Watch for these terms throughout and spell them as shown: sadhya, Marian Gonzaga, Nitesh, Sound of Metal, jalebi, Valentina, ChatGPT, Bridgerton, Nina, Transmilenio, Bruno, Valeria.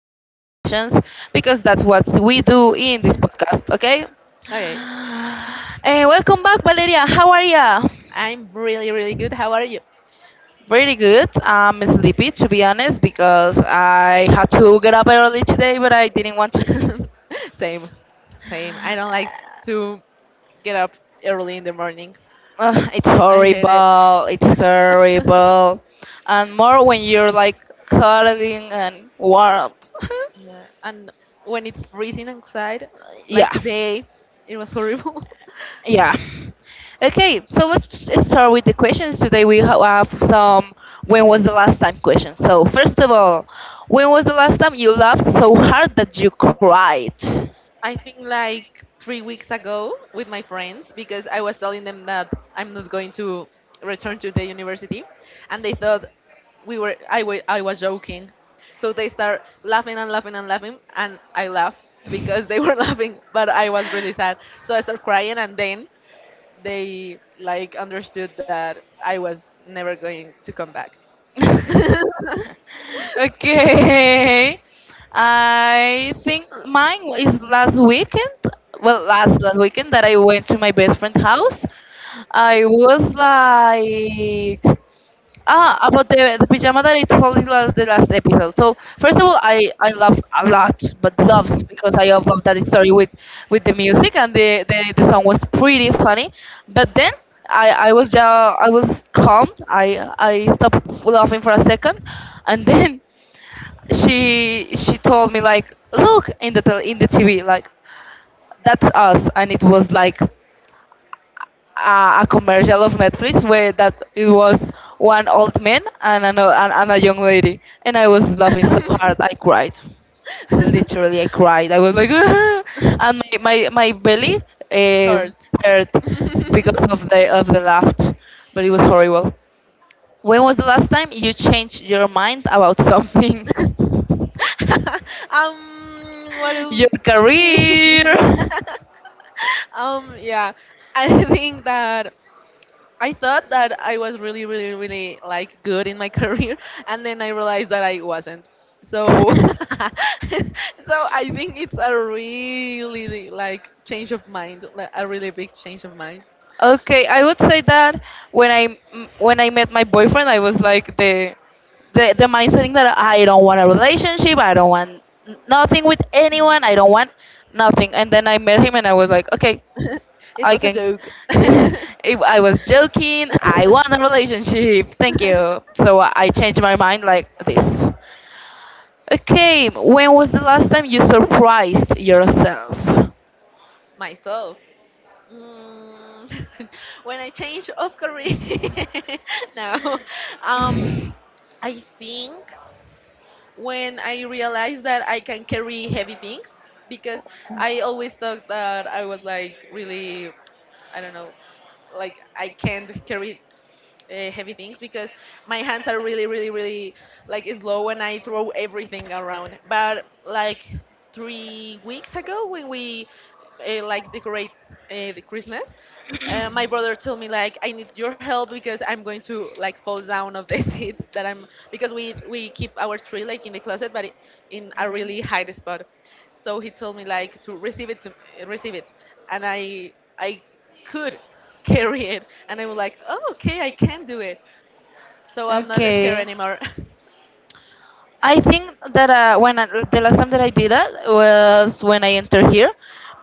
some questions because that's what we do in this podcast, okay? Okay, And welcome back, Valeria. How are ya? I'm really, really good. How are you? Very good. I'm sleepy, to be honest, because I had to get up early today, but I didn't want to. Same, same. I don't like to get up early in the morning. Ugh, it's I hate it. horrible. It's horrible, and more when you're like cuddling and warm. Yeah, and when it's freezing outside, like yeah, today, it was horrible. yeah. Okay, so let's start with the questions today. We have some when was the last time questions. So first of all, when was the last time you laughed so hard that you cried? I think like 3 weeks ago with my friends because I was telling them that I'm not going to return to the university, and they thought we were I wa- I was joking, so they start laughing and laughing and laughing, and I laugh because they were laughing, but I was really sad, so I start crying, and then they like understood that I was never going to come back. Okay. I think mine is last weekend. Well, last weekend that I went to my best friend's house. I was like, ah, about the pajama that I told you last, the last episode. So first of all, I loved a lot, but loves because I loved that story with the music and the song was pretty funny. But then I was ja I was calm. I stopped laughing for a second, and then she told me like, look in the in the TV like that's us, and it was like a commercial of Netflix where that it was one old man and a young lady, and I was laughing so hard I cried. I was. Literally, I cried. I was like, and my belly um Hurts. hurt because of the laughter, but it was horrible. When was the last time you changed your mind about something? The laugh. What do Your we career. be? Yeah, I think that. I thought that I was really, really, really like good in my career, and then I realized that I wasn't. So I think it's a really really, like change of mind, like a really big change of mind. Okay, I would say that when when I met my boyfriend, I was like the the mindset that I don't want a relationship, I don't want nothing with anyone, I don't want nothing. And then I met him, and I was like, okay, It I was a can. joke. If I was joking. I want a relationship. Thank you. So I changed my mind like this. Okay, when was the last time you surprised yourself? Myself. Mm, when I change of career, now, Um, I think when I realized that I can carry heavy things because I always thought that I was like really, I don't know, like I can't carry heavy things because my hands are really really really like slow and I throw everything around. But like 3 weeks ago when we like decorate the Christmas, my brother told me like I need your help because I'm going to like fall down of the seat that I'm, because we keep our tree like in the closet but in a really high spot, so he told me like to receive it, receive it and I could carry it, and I was like, oh, okay, I can do it, so I'm not scared Okay. anymore. I think that when I, the last time that I did that was when I entered here,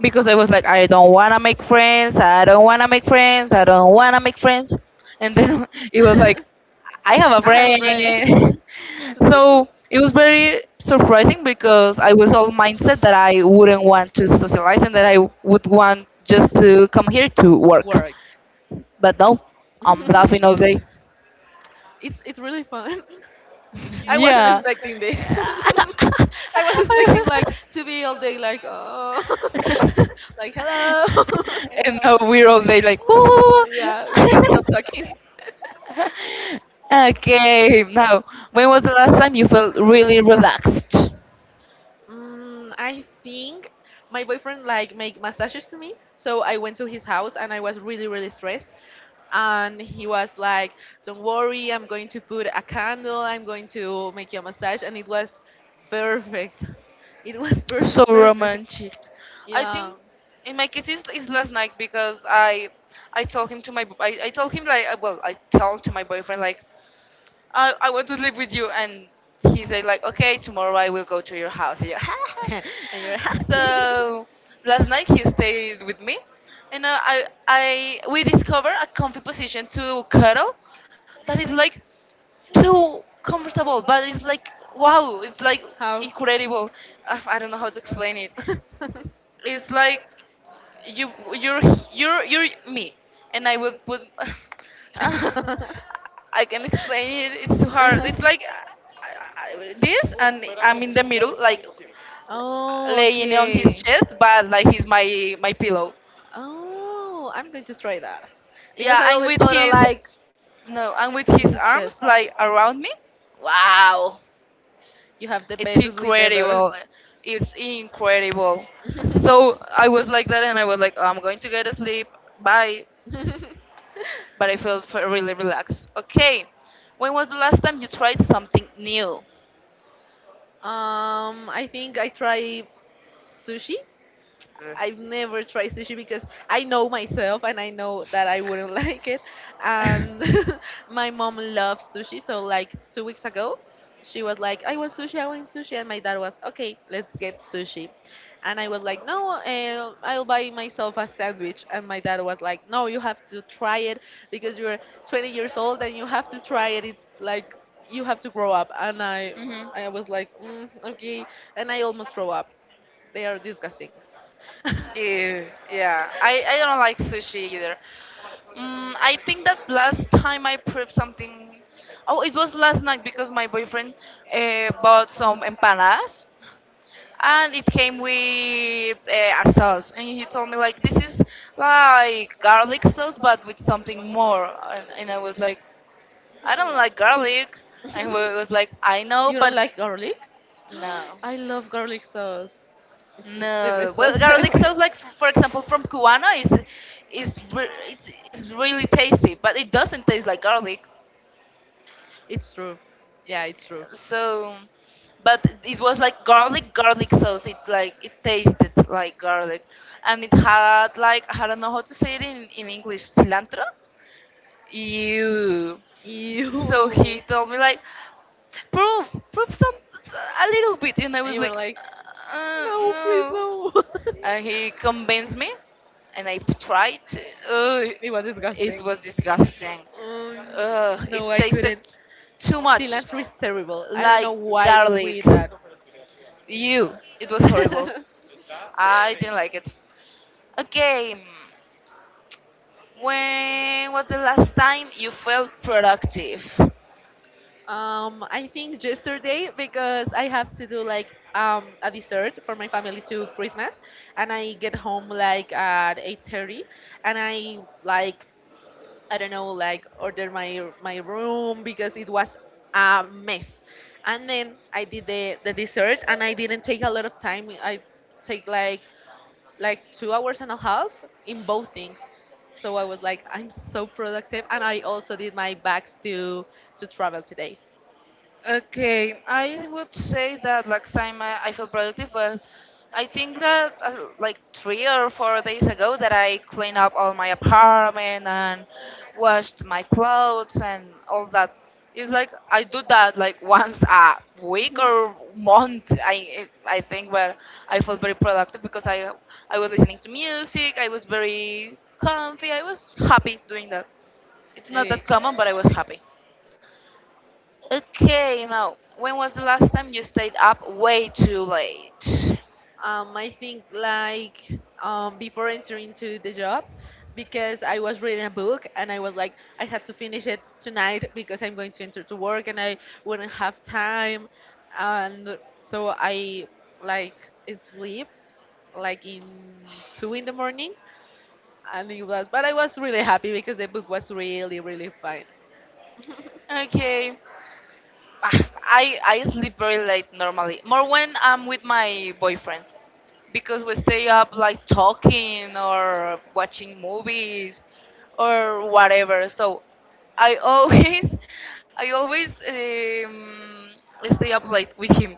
because I was like, I don't wanna make friends, I don't wanna make friends, I don't wanna make friends, and then it was like, I have a I have a brain. friend. Tup, tup, tup. So it was very surprising because I was all mindset that I wouldn't want to socialize and that I would want just to come here to work, Work. but no, I'm laughing all day. It's really fun. I wasn't Yeah. expecting this. I was expecting like to be all day like, oh, like, hello. And And now now we're we're all all day day like, like, oh "Whoa." yeah, we can stop talking. Okay, now, when was the last time you felt really relaxed? I think my boyfriend like make massages to me, so I went to his house and I was really really stressed. And he was like, "Don't worry, I'm going to put a candle. I'm going to make you a massage." And it was perfect. It was So perfect, perfect. romantic. I Yeah. think in my case it's last night because I told him to my I told him like well I told to my boyfriend like I want to live with you. And he said, like, okay, tomorrow I will go to your house. Yeah. And you're how? So last night he stayed with me. And we discovered a comfy position to cuddle that is like too comfortable, but it's like, wow, it's like incredible. I don't know how to explain it. It's like you you're you're me and I would put I can explain it, it's too hard, it's like this and I'm in the middle like Oh, laying on okay. his chest but like he's my pillow. Oh, I'm going to try that because I Yeah, and always with call her his like no and with in his his arms chest. like around me. Wow, You have the it's best sleep ever. incredible, it's incredible. So I was like that and I was like, "Oh, I'm going to get asleep, bye." But I feel really relaxed. Okay, when was the last time you tried something new? I think I try sushi. Uh. I've never tried sushi because I know myself and I know that I wouldn't like it. And my mom loves sushi, so like 2 weeks ago, she was like, I want sushi," and my dad was, "Okay, let's get sushi," and I was like, "No, I'll buy myself a sandwich," and my dad was like, "No, you have to try it because you're 20 years old and you have to try it. It's like you have to grow up," and I, Hmm. I was like, "Okay," and I almost throw up. They are disgusting. Yeah, yeah. I don't like sushi either. Mm, I think that last time I prepped something. Oh, it was last night because my boyfriend bought some empanadas and it came with a sauce and he told me like, this is like garlic sauce but with something more, and I was like, I don't like garlic. And he Hmm. Was like, I know You but don't like garlic? no. I love garlic sauce. It's the best No, sauce well ever. garlic sauce like, for example, from Cubana is it's really tasty but it doesn't taste like garlic. It's true. Yeah, it's true. So, but it was like garlic sauce, it like, it tasted like garlic and it had like, I don't know how to say it in English, cilantro. You. So Ew. he told me like, prove some a little bit and I And was you were like, like, no, please, no. no. And he convinced me and I tried to, uh, It was it disgusting. was disgusting. Um, Uh, it no, I tasted couldn't. too much Cilantro is terrible. I don't like know why we garlic. eat that. You, it was horrible, I didn't like it. Okay, when was the last time you felt productive? I think yesterday, because I have to do like a dessert for my family to Christmas, and I get home like at 8:30, and I like, I don't know, like order my room because it was a mess, and then I did the dessert and I didn't take a lot of time. I take like, 2 hours and a half in both things. So I was like, I'm so productive, and I also did my bags to travel today. Okay, I would say that last time I felt productive, but I think that like 3 or 4 days ago that I cleaned up all my apartment and washed my clothes and all that. It's like I do that like once a week or month. I think, but I felt very productive because I was listening to music. I was very comfy. I was happy doing that. It's not that Okay, common, but I was happy. Okay, Mo, when was the last time you stayed up way too late? I think like, before entering to the job, because I was reading a book and I was like, I had to finish it tonight because I'm going to enter to work and I wouldn't have time, and so I like sleep like in 2 in the morning, and it was but I was really happy because the book was really really fine. Okay. Ah, I sleep very late normally. More when I'm with my boyfriend because we stay up like talking or watching movies or whatever. So I always I always stay up late with him.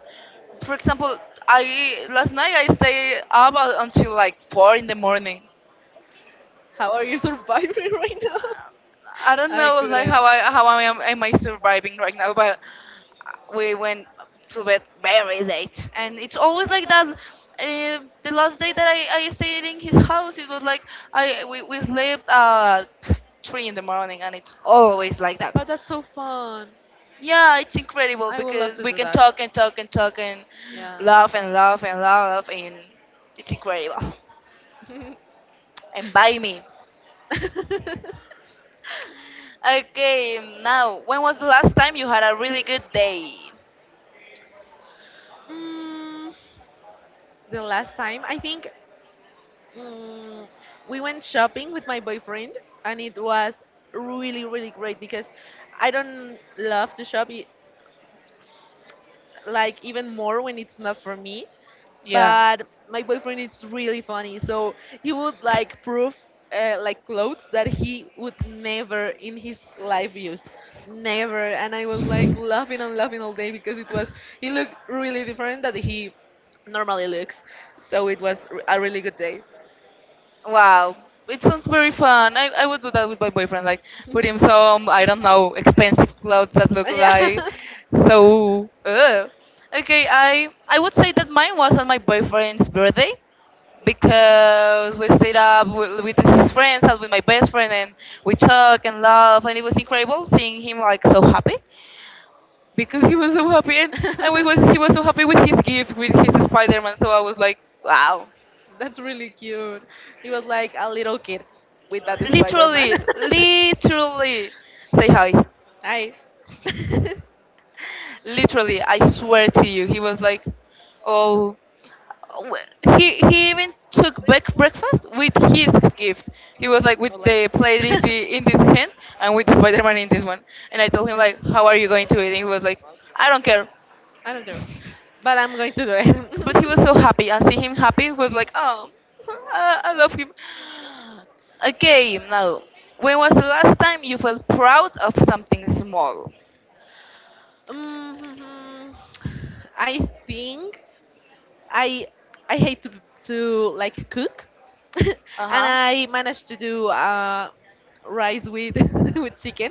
For example, I last night I stay up until like 4 in the morning. How are you surviving right now? I don't I know, like, couldn't. How I am I surviving right now, but we went to bed very late, and it's always like that. The last day that I stayed in his house, it was like we slept at three in the morning, and it's always like But that. that's so fun. Yeah, it's incredible I would love because to we do can that. talk and talk and talk and Yeah. laugh and laugh and laugh, and it's incredible. And by me. mm, Okay, now, when was the last time you had a really good day? the last time, I think, mm, we went shopping with my boyfriend, and it was really, really great because I don't love to shop. Like, even more when it's not for me. Yeah. But my boyfriend is really funny, so he would like prove like clothes that he would never in his life use, never. And I was like laughing and laughing all day because it was he looked really different that he normally looks. So it was a really good day. Wow. It sounds very fun. I would do that with my boyfriend, like put him some, I don't know, expensive clothes that look like. Yeah. So uh. Okay, I would say that mine was on my boyfriend's birthday because we stayed up with his friends and with my best friend and we talked and laughed, and it was incredible seeing him like so happy because he was so happy and we was he was so happy with his gift, with his Spider-Man, so I was like, wow. That's really cute. He was like a little kid with that Spider Man. Literally, literally, say hi. Hi. Literally, I swear to you, he was like, oh, he even took back breakfast with his gift. He was like with Or like. the plate in the in this hand and with the Spider-Man in this one. And I told him like, how are you going to eat? And he was like, I don't care. I don't care. But I'm going to do But he it. was so happy, and seeing him happy was like, oh, I love him. Okay, now, when was the last time you felt proud of something small? mm I think. I hate to like cook, Uh and huh. I managed to do rice with with chicken,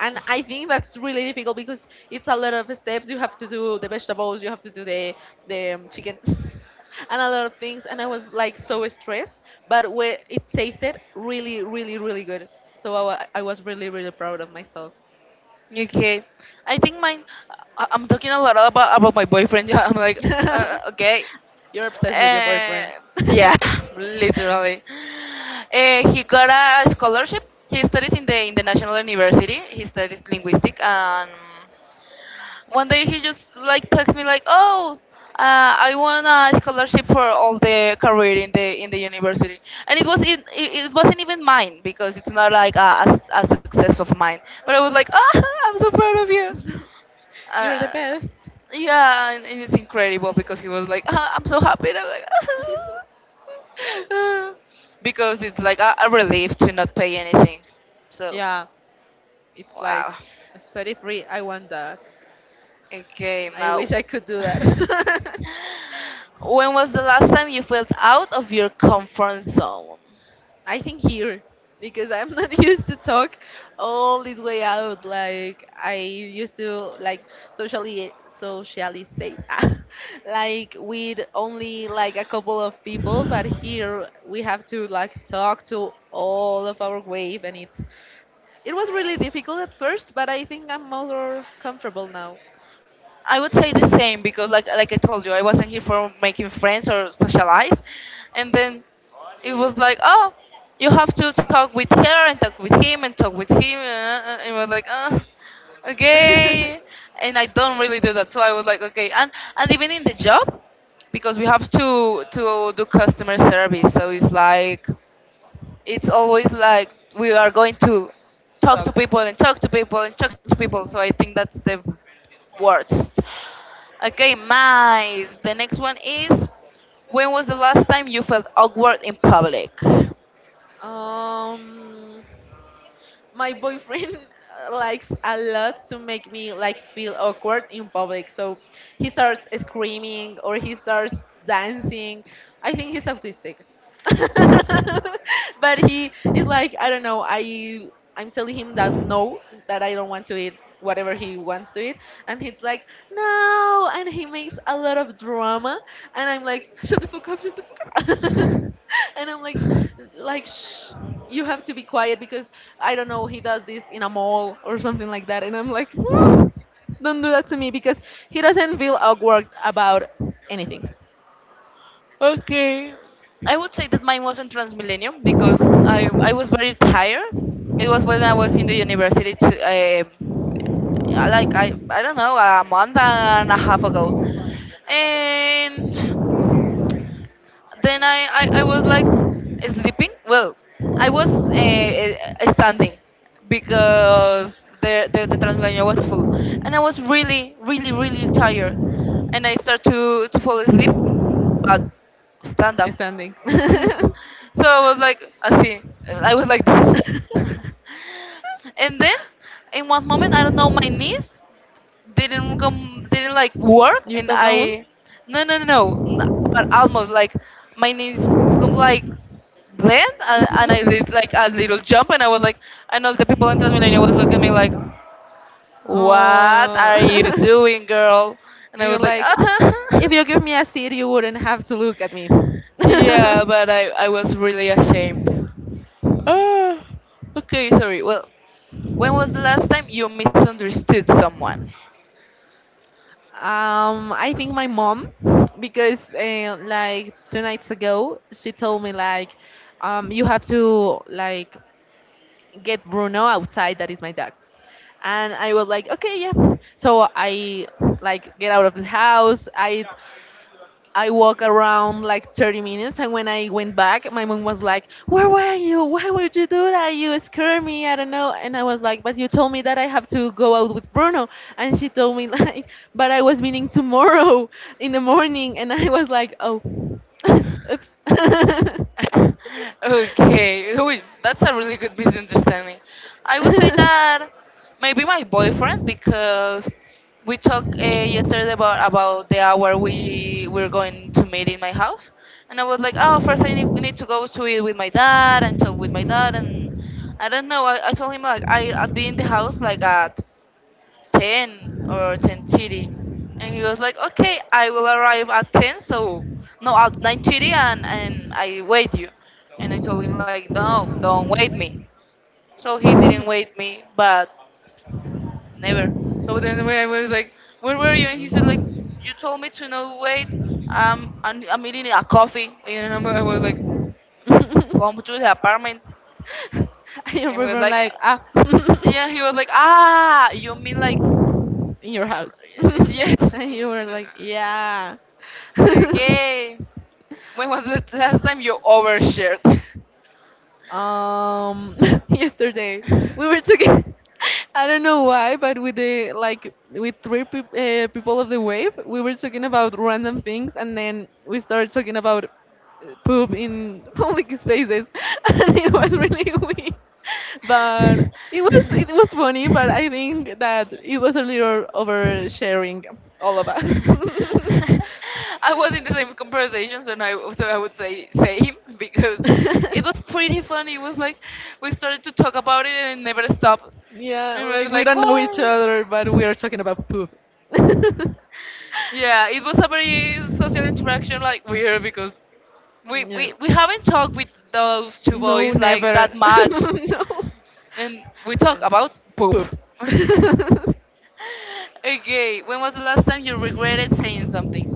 and I think that's really difficult because it's a lot of steps. You have to do the vegetables, you have to do the chicken, and a lot of things. And I was like so stressed, but when it tasted really, really, really good. So I was really, really proud of myself. Okay. I think mine. I'm talking a lot about my boyfriend. I'm like, okay. You're obsessed with your boyfriend. Uh, yeah, literally. He got a scholarship. He studies in the national university. He studies linguistic and. One day he just like texts me like, "Oh, I won a scholarship for all the career in the university," and it was in, it wasn't even mine because it's not like a a success of mine. But I was like, "Ah, I'm so proud of you." You're the Uh, best. yeah, and it's incredible because he was like, ah, "I'm so happy," and I'm like, because it's like a relief to not pay anything. So, Yeah, it's like wow. study free. I want that. Okay, I now. wish I could do that. When was the last time you felt out of your comfort zone? I think here because I'm not used to talk all this way out. Like, I used to like socially socializate, like with only like a couple of people. But here we have to like talk to all of our wave, and it was really difficult at first, but I think I'm more comfortable now. I would say the same because, like I told you, I wasn't here for making friends or socialize, and then it was like, oh, you have to talk with her and talk with him and talk with him. It was like, okay, and I don't really do that, so I was like, okay, and even in the job, because we have to do customer service, so it's like, it's always like, we are going to Talk. talk to people and talk to people and talk to people. So I think that's the worst. Okay, nice. The next one is, when was the last time you felt awkward in public? Um, my boyfriend likes a lot to make me like feel awkward in public. So he starts screaming or he starts dancing. I think he's autistic. But he is like, I don't know. I'm telling him that no, that I don't want to eat whatever he wants to eat, and he's like, no, and he makes a lot of drama, and I'm like, shut the fuck up, shut the fuck up. And I'm like, shh, you have to be quiet because, I don't know, he does this in a mall or something like that, and I'm like, "No, don't do that to me because he doesn't feel awkward about anything." Okay. I would say that mine wasn't Transmillennium because I was very tired. It was when I was in the university, to, um, I don't know, a month and a half ago. And then I was like sleeping. Well, I was standing because the Transmilenio was full. And I was really tired. And I started to fall asleep, but stand up. Standing. So I was like, I see. I was like this. And then, in one moment, I don't know, my knees didn't like work. You And fell down? I no no no no n- But almost like my knees come like land, and I did like a little jump, and I was like, and all the people in Transmillennial was looking at me like, what are you Oh. doing, girl? And And I you're was like, like, if you give me a seat, you wouldn't have to look at me. yeah, but I was really ashamed. Ah, okay, sorry. Well, when was the last time you misunderstood someone? I think my mom, because like 2 nights ago, she told me like, you have to like get Bruno outside. That is my dog. And I was like, okay, yeah. So I like get out of the house. I walk around like 30 minutes, and when I went back, my mom was like, where were you? Why would you do that? You scared me. I don't know. And I was like, but you told me that I have to go out with Bruno, and she told me like, but I was meeting tomorrow in the morning, and I was like, oh, oops. Okay, wait, that's a really good misunderstanding. I would say that maybe my boyfriend, because we talked yesterday about the hour we were going to meet in my house, and I was like, oh, first need to go to it with my dad and talk with my dad, and I don't know. I told him like I'd be in the house like at 10 or 10:30. And he was like, okay, I will arrive at 10, so, no, at 9:30, and I wait you. And I told him like, no, don't wait me. So he didn't wait me, but never. So then when I was like, where were you? And he said like, you told me to not wait. I'm eating a coffee. I was like, And come to the apartment. your And he was boyfriend like, like, ah. yeah, he was like, ah, you mean like, In your house. yes. And you were like, yeah. Okay. When was the last time you overshared? Um, yesterday we were talking. I don't know why, but with the like with three people of the wave, we were talking about random things, and then we started talking about poop in public spaces, and it was really weird. But it was funny, but I think that it was a little oversharing, all of us. I was in the same conversation, so I would say same, because it was pretty funny. It was like we started to talk about it and it never stopped. Yeah, And it was like we like, don't know wow. each other, but we are talking about poo. Yeah, it was a very social interaction, like weird, because Yeah. we haven't talked with those two boys No, like that never. much, No. and we talk And about poop. poop. Okay, when was the last time you regretted saying something?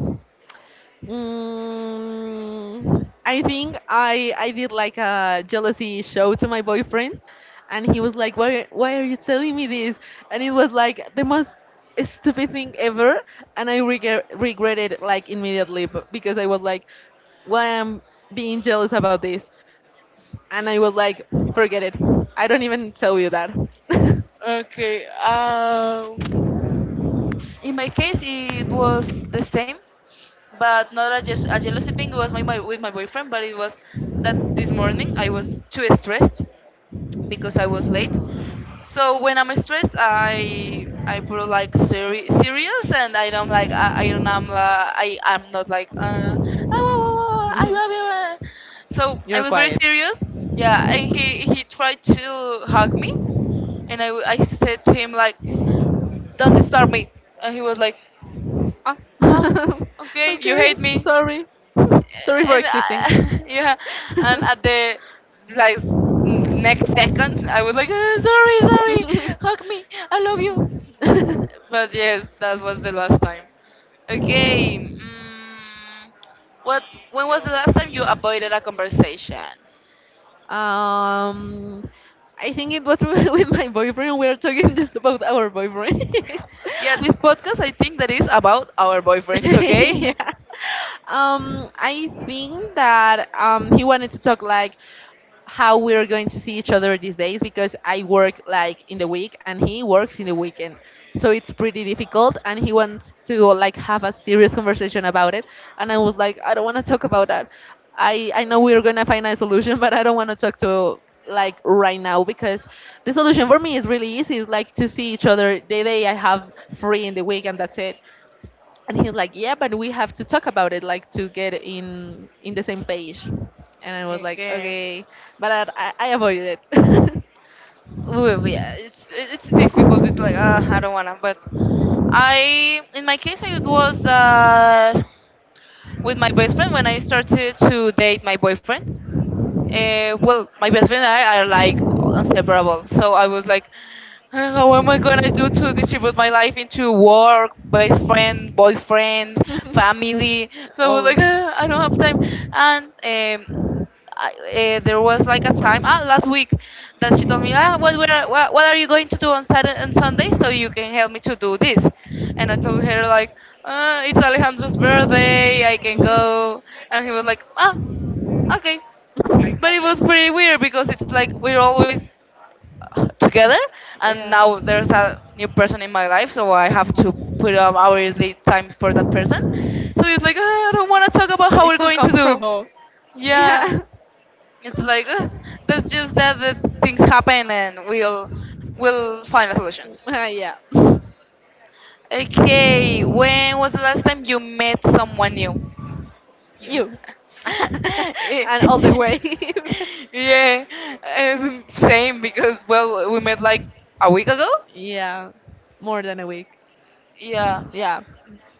I think I did like a jealousy show to my boyfriend, and he was like, "Why are you telling me this?" And it was like the most stupid thing ever, and I regretted like immediately, because I was like, "Why am being jealous about this?" And I was like, "Forget it. I don't even tell you that." Okay. In my case, it was the same, but not a, just a jealousy thing. It was my with my boyfriend, but it was that this morning I was too stressed because I was late. So when I'm stressed, I put like serious, and I don't like I'm not like "Ah, wah, wah, wah, I love you. So I You're was very quiet." serious. Yeah, and he tried to hug me, and I said to him like, don't disturb me. And he was like, Ah. oh, okay, you Okay, hate me. sorry. Sorry for And existing. I, yeah, and at the like next second, I was like, "Ah, sorry, sorry, hug me, I love you." But yes, that was the last time. Okay, mm, what? When was the last time you avoided a conversation? Um, I think it was with my boyfriend. We are talking just about our boyfriend. Yeah, this podcast I think that is about our boyfriends. Okay. yeah. I think that he wanted to talk like how we're going to see each other these days because I work like in the week and he works in the weekend. So it's pretty difficult and he wants to like have a serious conversation about it, and I was like, I don't want to talk about that. I know we're going to find a solution, but I don't want to talk to like right now because the solution for me is really easy. It's like to see each other the day I have free in the week and that's it, and he's like, yeah, but we have to talk about it, like to get in the same page, and I was like Okay. okay. but i, I avoided it Ooh, yeah, it's difficult. It's like I don't wanna, but I in my case it was that with my best friend when I started to date my boyfriend. Well, my best friend and I are like inseparable, so I was like, how am I gonna do to distribute my life into work, best friend, boyfriend, family?" So I was all. like, I don't have time," and there was like a time, ah, last week that she told me, ah, what are you going to do on Saturday and Sunday so you can help me to do this. And I told her like, it's Alejandro's birthday, I can go. And he was like, ah, okay. But it was pretty weird because it's like we're always together, and Yeah. now there's a new person in my life, so I have to put obviously time for that person. So it's like, "Ah, I don't want to talk about how It's we're going to do," uncomfortable. Yeah. yeah, it's like, "Ugh, that's just that the things happen and we'll find a solution." Yeah. Okay, when was the last time you met someone new? You. and all the way. Yeah, same because well we met like a week ago. yeah. More than a week. Yeah, Yeah.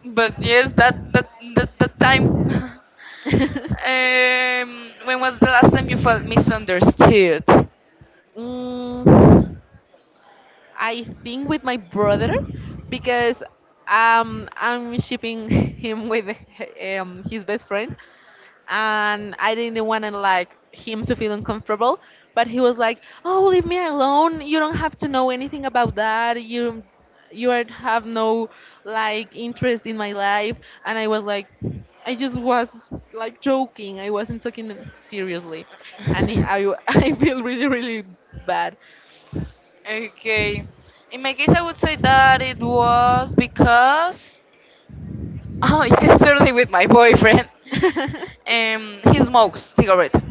but yes, that time. Yeah. Um, when was the last time you felt misunderstood? Mm, I think with my brother because I'm shipping him with his best friend, and I didn't want to like him to feel uncomfortable, but he was like, oh, leave me alone, you don't have to know anything about that, you are, have no like interest in my life. And I was like, I just was like joking, I wasn't taking it seriously. And I I feel really really bad. Okay. In my case, I would say that it was because oh, yesterday with my boyfriend, he smokes cigarette,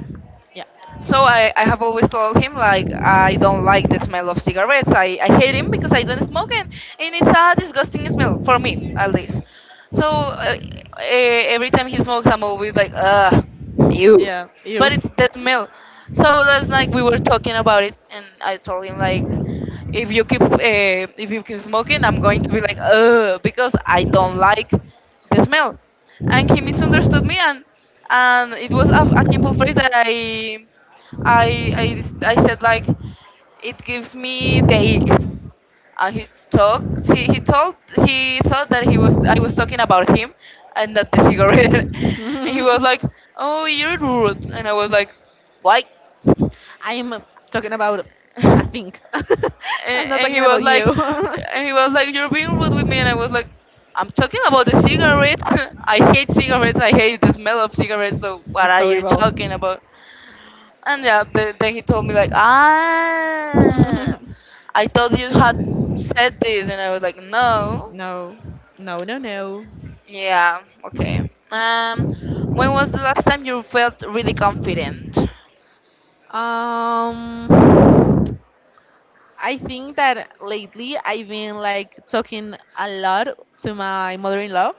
yeah. so I have always told him like I don't like the smell of cigarettes. I hate him because I don't smoke, and it's a disgusting smell for me at least. So every time he smokes, I'm always like ugh, ew. Yeah. But You. it's the smell. So that's like we were talking about it and I told him like, if you keep smoking, I'm going to be like ugh because I don't like the smell. And he misunderstood me, and it was a simple phrase that I said like, it gives me the ick. And he talked. He told, he thought that he was I was talking about him and not the cigarette. And he was I'm like, "Oh, you're rude." And I was like, "Why?" talking about. I and, think. I'm not and talking he was about like, you. and he was like, "You're being rude with me." And I was like, "I'm talking about the cigarettes. I hate cigarettes. I hate the smell of cigarettes. So what it's are you talking horrible. about?" And yeah, the, then he told me like, ah, I thought you had said this, and I was like, no. no. No. No. No. Yeah, okay. Um, when was the last time you felt really confident? Um. I think that lately I've been like talking a lot to my mother-in-law,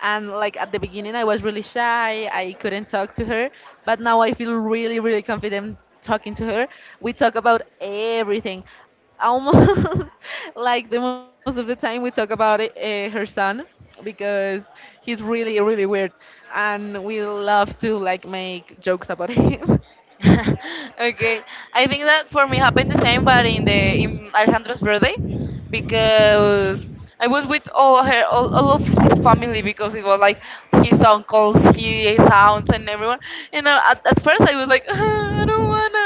and like at the beginning I was really shy, I couldn't talk to her, but now I feel really really confident talking to her. We talk about everything. Almost like the most of the time we talk about her son because he's really really weird and we love to like make jokes about him. Okay, I think that for me happened the same, but in the in Alejandro's birthday, because I was with all of his family because it was like his uncles, his aunts, and everyone. And at first I was like, "Ah, I don't wanna,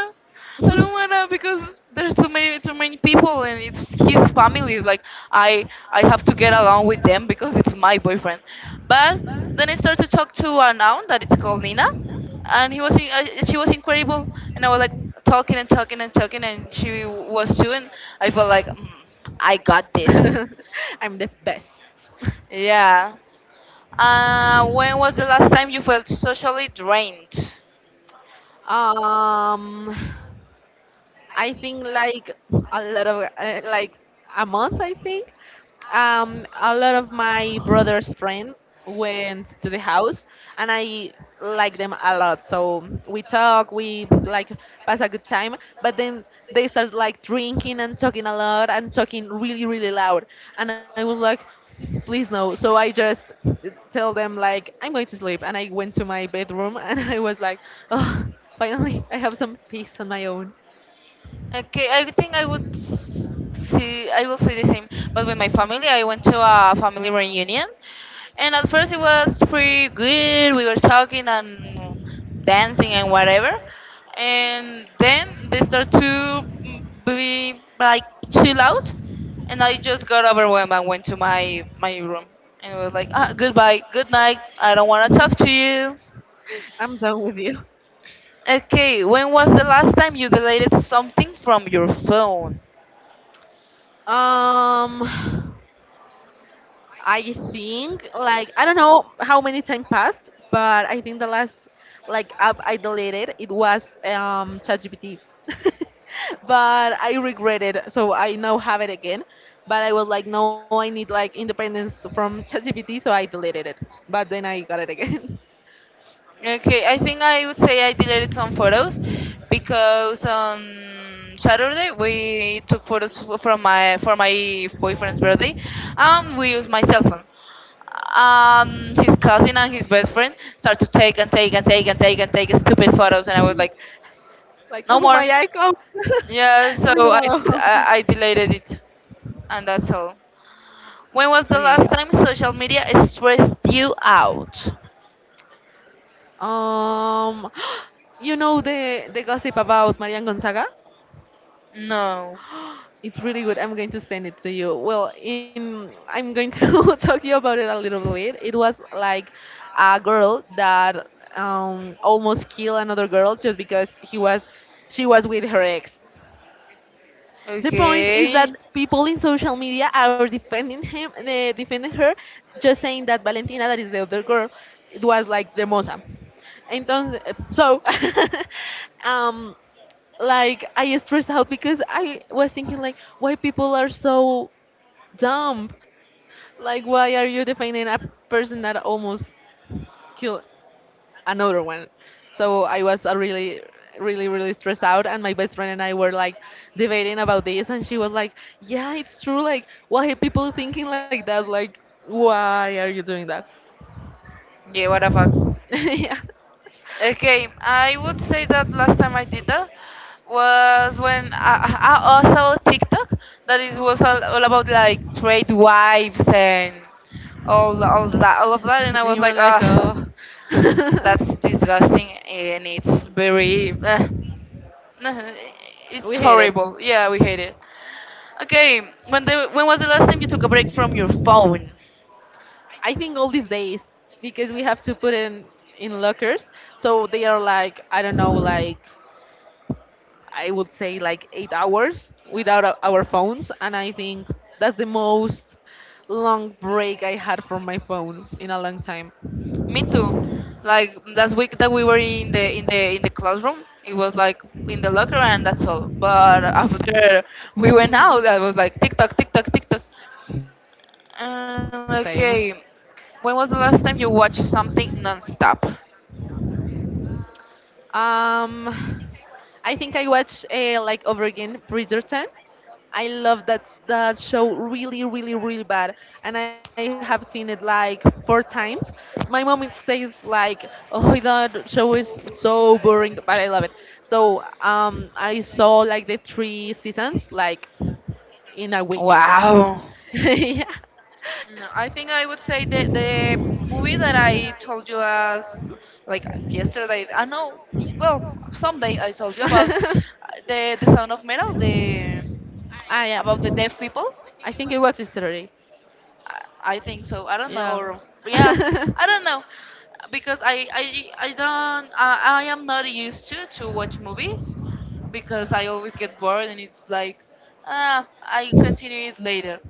I don't wanna, because there's too many people and it's his family. It's like I have to get along with them because it's my boyfriend." But then I started to talk to an aunt that it's called Nina, and she was incredible, and I was like talking, and she was too, and I felt like. Mm. I got this. I'm the best. Yeah. When was the last time you felt socially drained? Um, I think like a lot of like a month I think a lot of my brother's friends went to the house, and I like them a lot, so we talk, we like pass a good time, but then they start like drinking and talking a lot and talking really really loud, and I was like, please no. So I just tell them like, I'm going to sleep, and I went to my bedroom and I was like, oh, finally I have some peace on my own. Okay, I think I would see. I will say the same. But with my family, I went to a family reunion, and at first it was pretty good. We were talking and dancing and whatever. And then they start to be like too loud. And I just got overwhelmed and went to my room. And it was like, ah, goodbye, good night. I don't want to talk to you. I'm done with you. Okay, when was the last time you deleted something from your phone? Um, I think like I don't know how many time passed, but I think the last like app I deleted it was ChatGPT. but I regret it, so I now have it again. But I was like, no, I need like independence from ChatGPT, so I deleted it. But then I got it again. Okay, I think I would say I deleted some photos because on Saturday we took photos f- from my for my boyfriend's birthday, and we used my cell phone. His cousin and his best friend start to take stupid photos, and I was like, no like no more. Humaya Echo. Yeah, so Leave it I alone. deleted it, and that's all. When was Okay. the last time social media stressed you out? Um, you know the gossip about Marian Gonzaga? No. It's really good. I'm going to send it to you. Well, in I'm going to talk you about it a little bit. It was like a girl that almost killed another girl just because he was she was with her ex. The point is that Okay. people in social media are defending him, they defending her, just saying that Valentina, that is the other girl, it was like the moza. Entonces, so um, like I stressed out because I was thinking like, why people are so dumb, like why are you defining a person that almost killed another one? So I was really, really, really stressed out, and my best friend and I were like debating about this, and she was like, "Yeah, it's true. Like why are people thinking like that? Like why are you doing that?" Yeah, what the fuck. yeah. Okay, I would say that last time I did that was when I also TikTok that is was all about like trade wives and all of that, and I and was you were like, like, ah, "Oh." that's disgusting and it's very it's We hate it. horrible. Yeah, we hate it. Okay, when was the last time you took a break from your phone? I think all these days because we have to put in lockers, so they are like I don't know, like I would say like 8 hours without our phones, and I think that's the most long break I had from my phone in a long time. Me too. Like last week that we were in the in the in the classroom, it was like in the locker and that's all. But after we went out, I was like tick tock, tick tock, tick tock. Same. Okay, when was the last time you watched something nonstop? Um, I think I watched like over again Bridgerton. I love that show really, really, really bad, and I have seen it like four times. My mom it says like, "Oh, that show is so boring," but I love it. So I saw like the three seasons like in a week. Wow. yeah. No, I think I would say the movie that I told you last, like yesterday. I know, well, someday I told you about ah, the Sound of Metal, the about yeah. the deaf people. I think it was yesterday. I think so. I don't know, Yeah. or yeah, I don't know, because I am not used to watch movies because I always get bored and it's like ah I continue it later.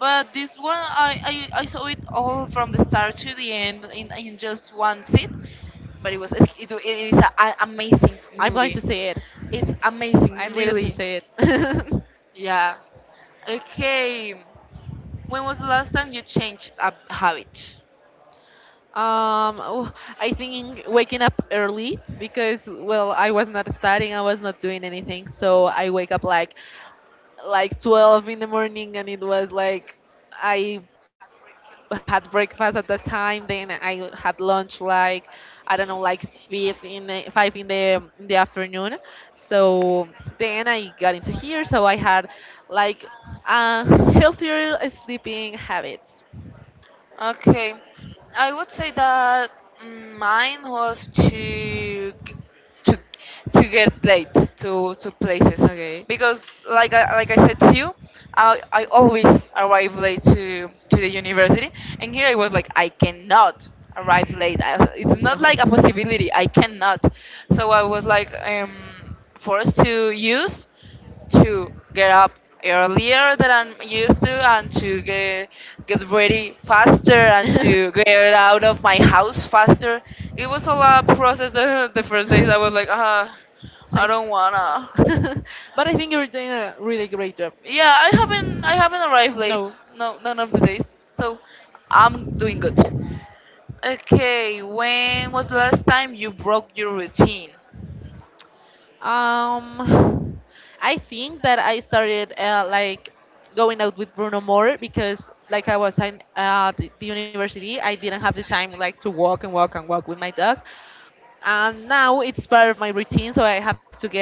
But this one I saw it all from the start to the end in just one sit. But it is an amazing I'm going to movie. say it. It's amazing, I needed to really. say it. um, Yeah. Okay. When was the last time you changed a habit? oh, I think waking up early because well, I was not studying, I was not doing anything, so I wake up like 12 in the morning, and it was like I had breakfast at that time, then I had lunch like I don't know like 5 in the afternoon. So then I got into here, so I had like uh, healthier sleeping habits. Okay, I would say that mm, mine was g- to to get late to places Okay. because, like I said to you, I always arrive late to the university, and here I was like I cannot arrive late. I, it's not like No. a possibility. I cannot. So I was like forced to use to get up earlier than I'm used to and to get ready faster and to get out of my house faster. It was a lot of process the first days I was like, ah, I like, don't uh, wanna. but I think you're doing a really great job. Yeah, I haven't arrived late. No. No, none of the days. So I'm doing good. Okay, when was the last time you broke your routine? Um, I think that I started like going out with Bruno more because like I was in the university, I didn't have the time like to walk and walk and walk with my dog, and now it's part of my routine, so I have to get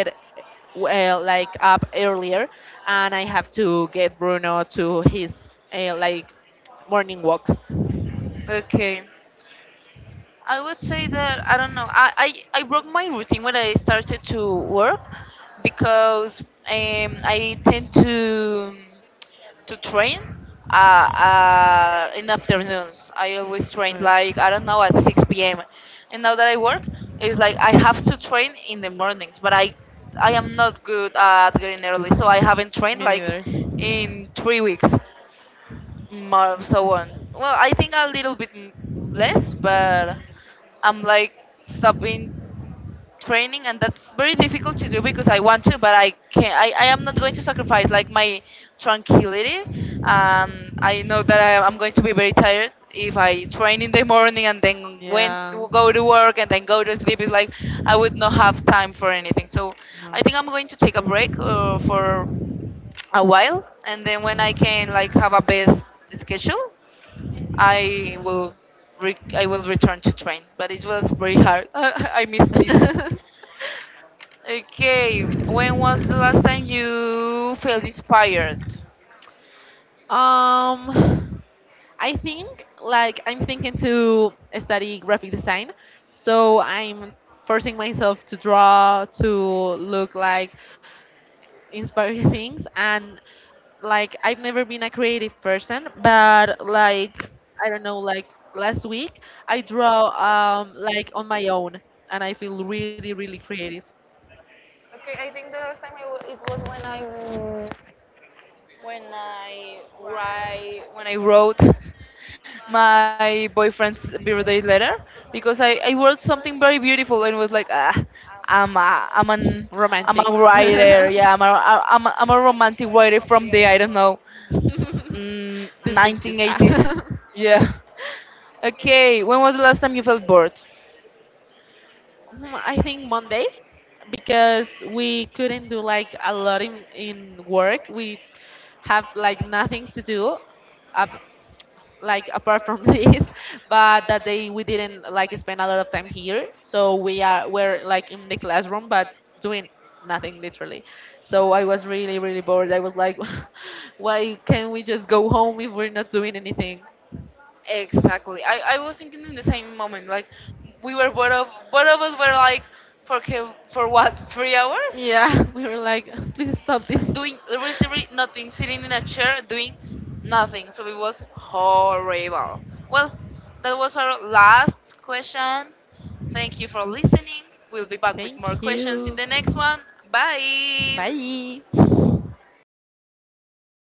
well like up earlier, and I have to get Bruno to his like morning walk. Okay. I would say that I don't know. I broke my routine when I started to work because I tend to train in afternoons. I always train Right. like I don't know at 6 p.m. And now that I work, it's like I have to train in the mornings, but I am not good at getting early, so I haven't trained Me like neither. in 3 weeks, more so on. Well, I think a little bit less, but I'm like stopping training and that's very difficult to do because I want to but I can't I am not going to sacrifice like my tranquility. Um, I know that I'm going to be very tired if I train in the morning and then went Yeah. go to work and then go to sleep. It's like I would not have time for anything, so No. I think I'm going to take a break for a while, and then when I can like have a best schedule I will I will return to train, but it was very hard. I missed it. Okay, when was the last time you felt inspired? um, I think like I'm thinking to study graphic design, so I'm forcing myself to draw, to look like inspiring things, and like I've never been a creative person, but like I don't know, like last week I draw like on my own, and I feel really really creative, Okay, I think the last time it was when when I write when I wrote my boyfriend's birthday letter because I wrote something very beautiful and was like ah I'm an I'm a romantic. writer the yeah I'm a romantic writer from the I don't know. Mm, 60s. 1980s. Yeah. Okay. When was the last time you felt bored? Mm, I think Monday because we couldn't do like a lot in work. We have like nothing to do. Uh, like apart from this, but that day we didn't like spend a lot of time here, so we are we're like in the classroom but doing nothing literally. So I was really really bored, I was like, why can't we just go home if we're not doing anything? Exactly. I was thinking in the same moment. Like we were bored of both of us were like for what 3 hours Yeah, we were like, please stop this. doing literally nothing, sitting in a chair doing nothing. So it was horrible. Well, that was our last question. Thank you for listening. We'll be back with thank more questions you. in the next one. Bye. Bye.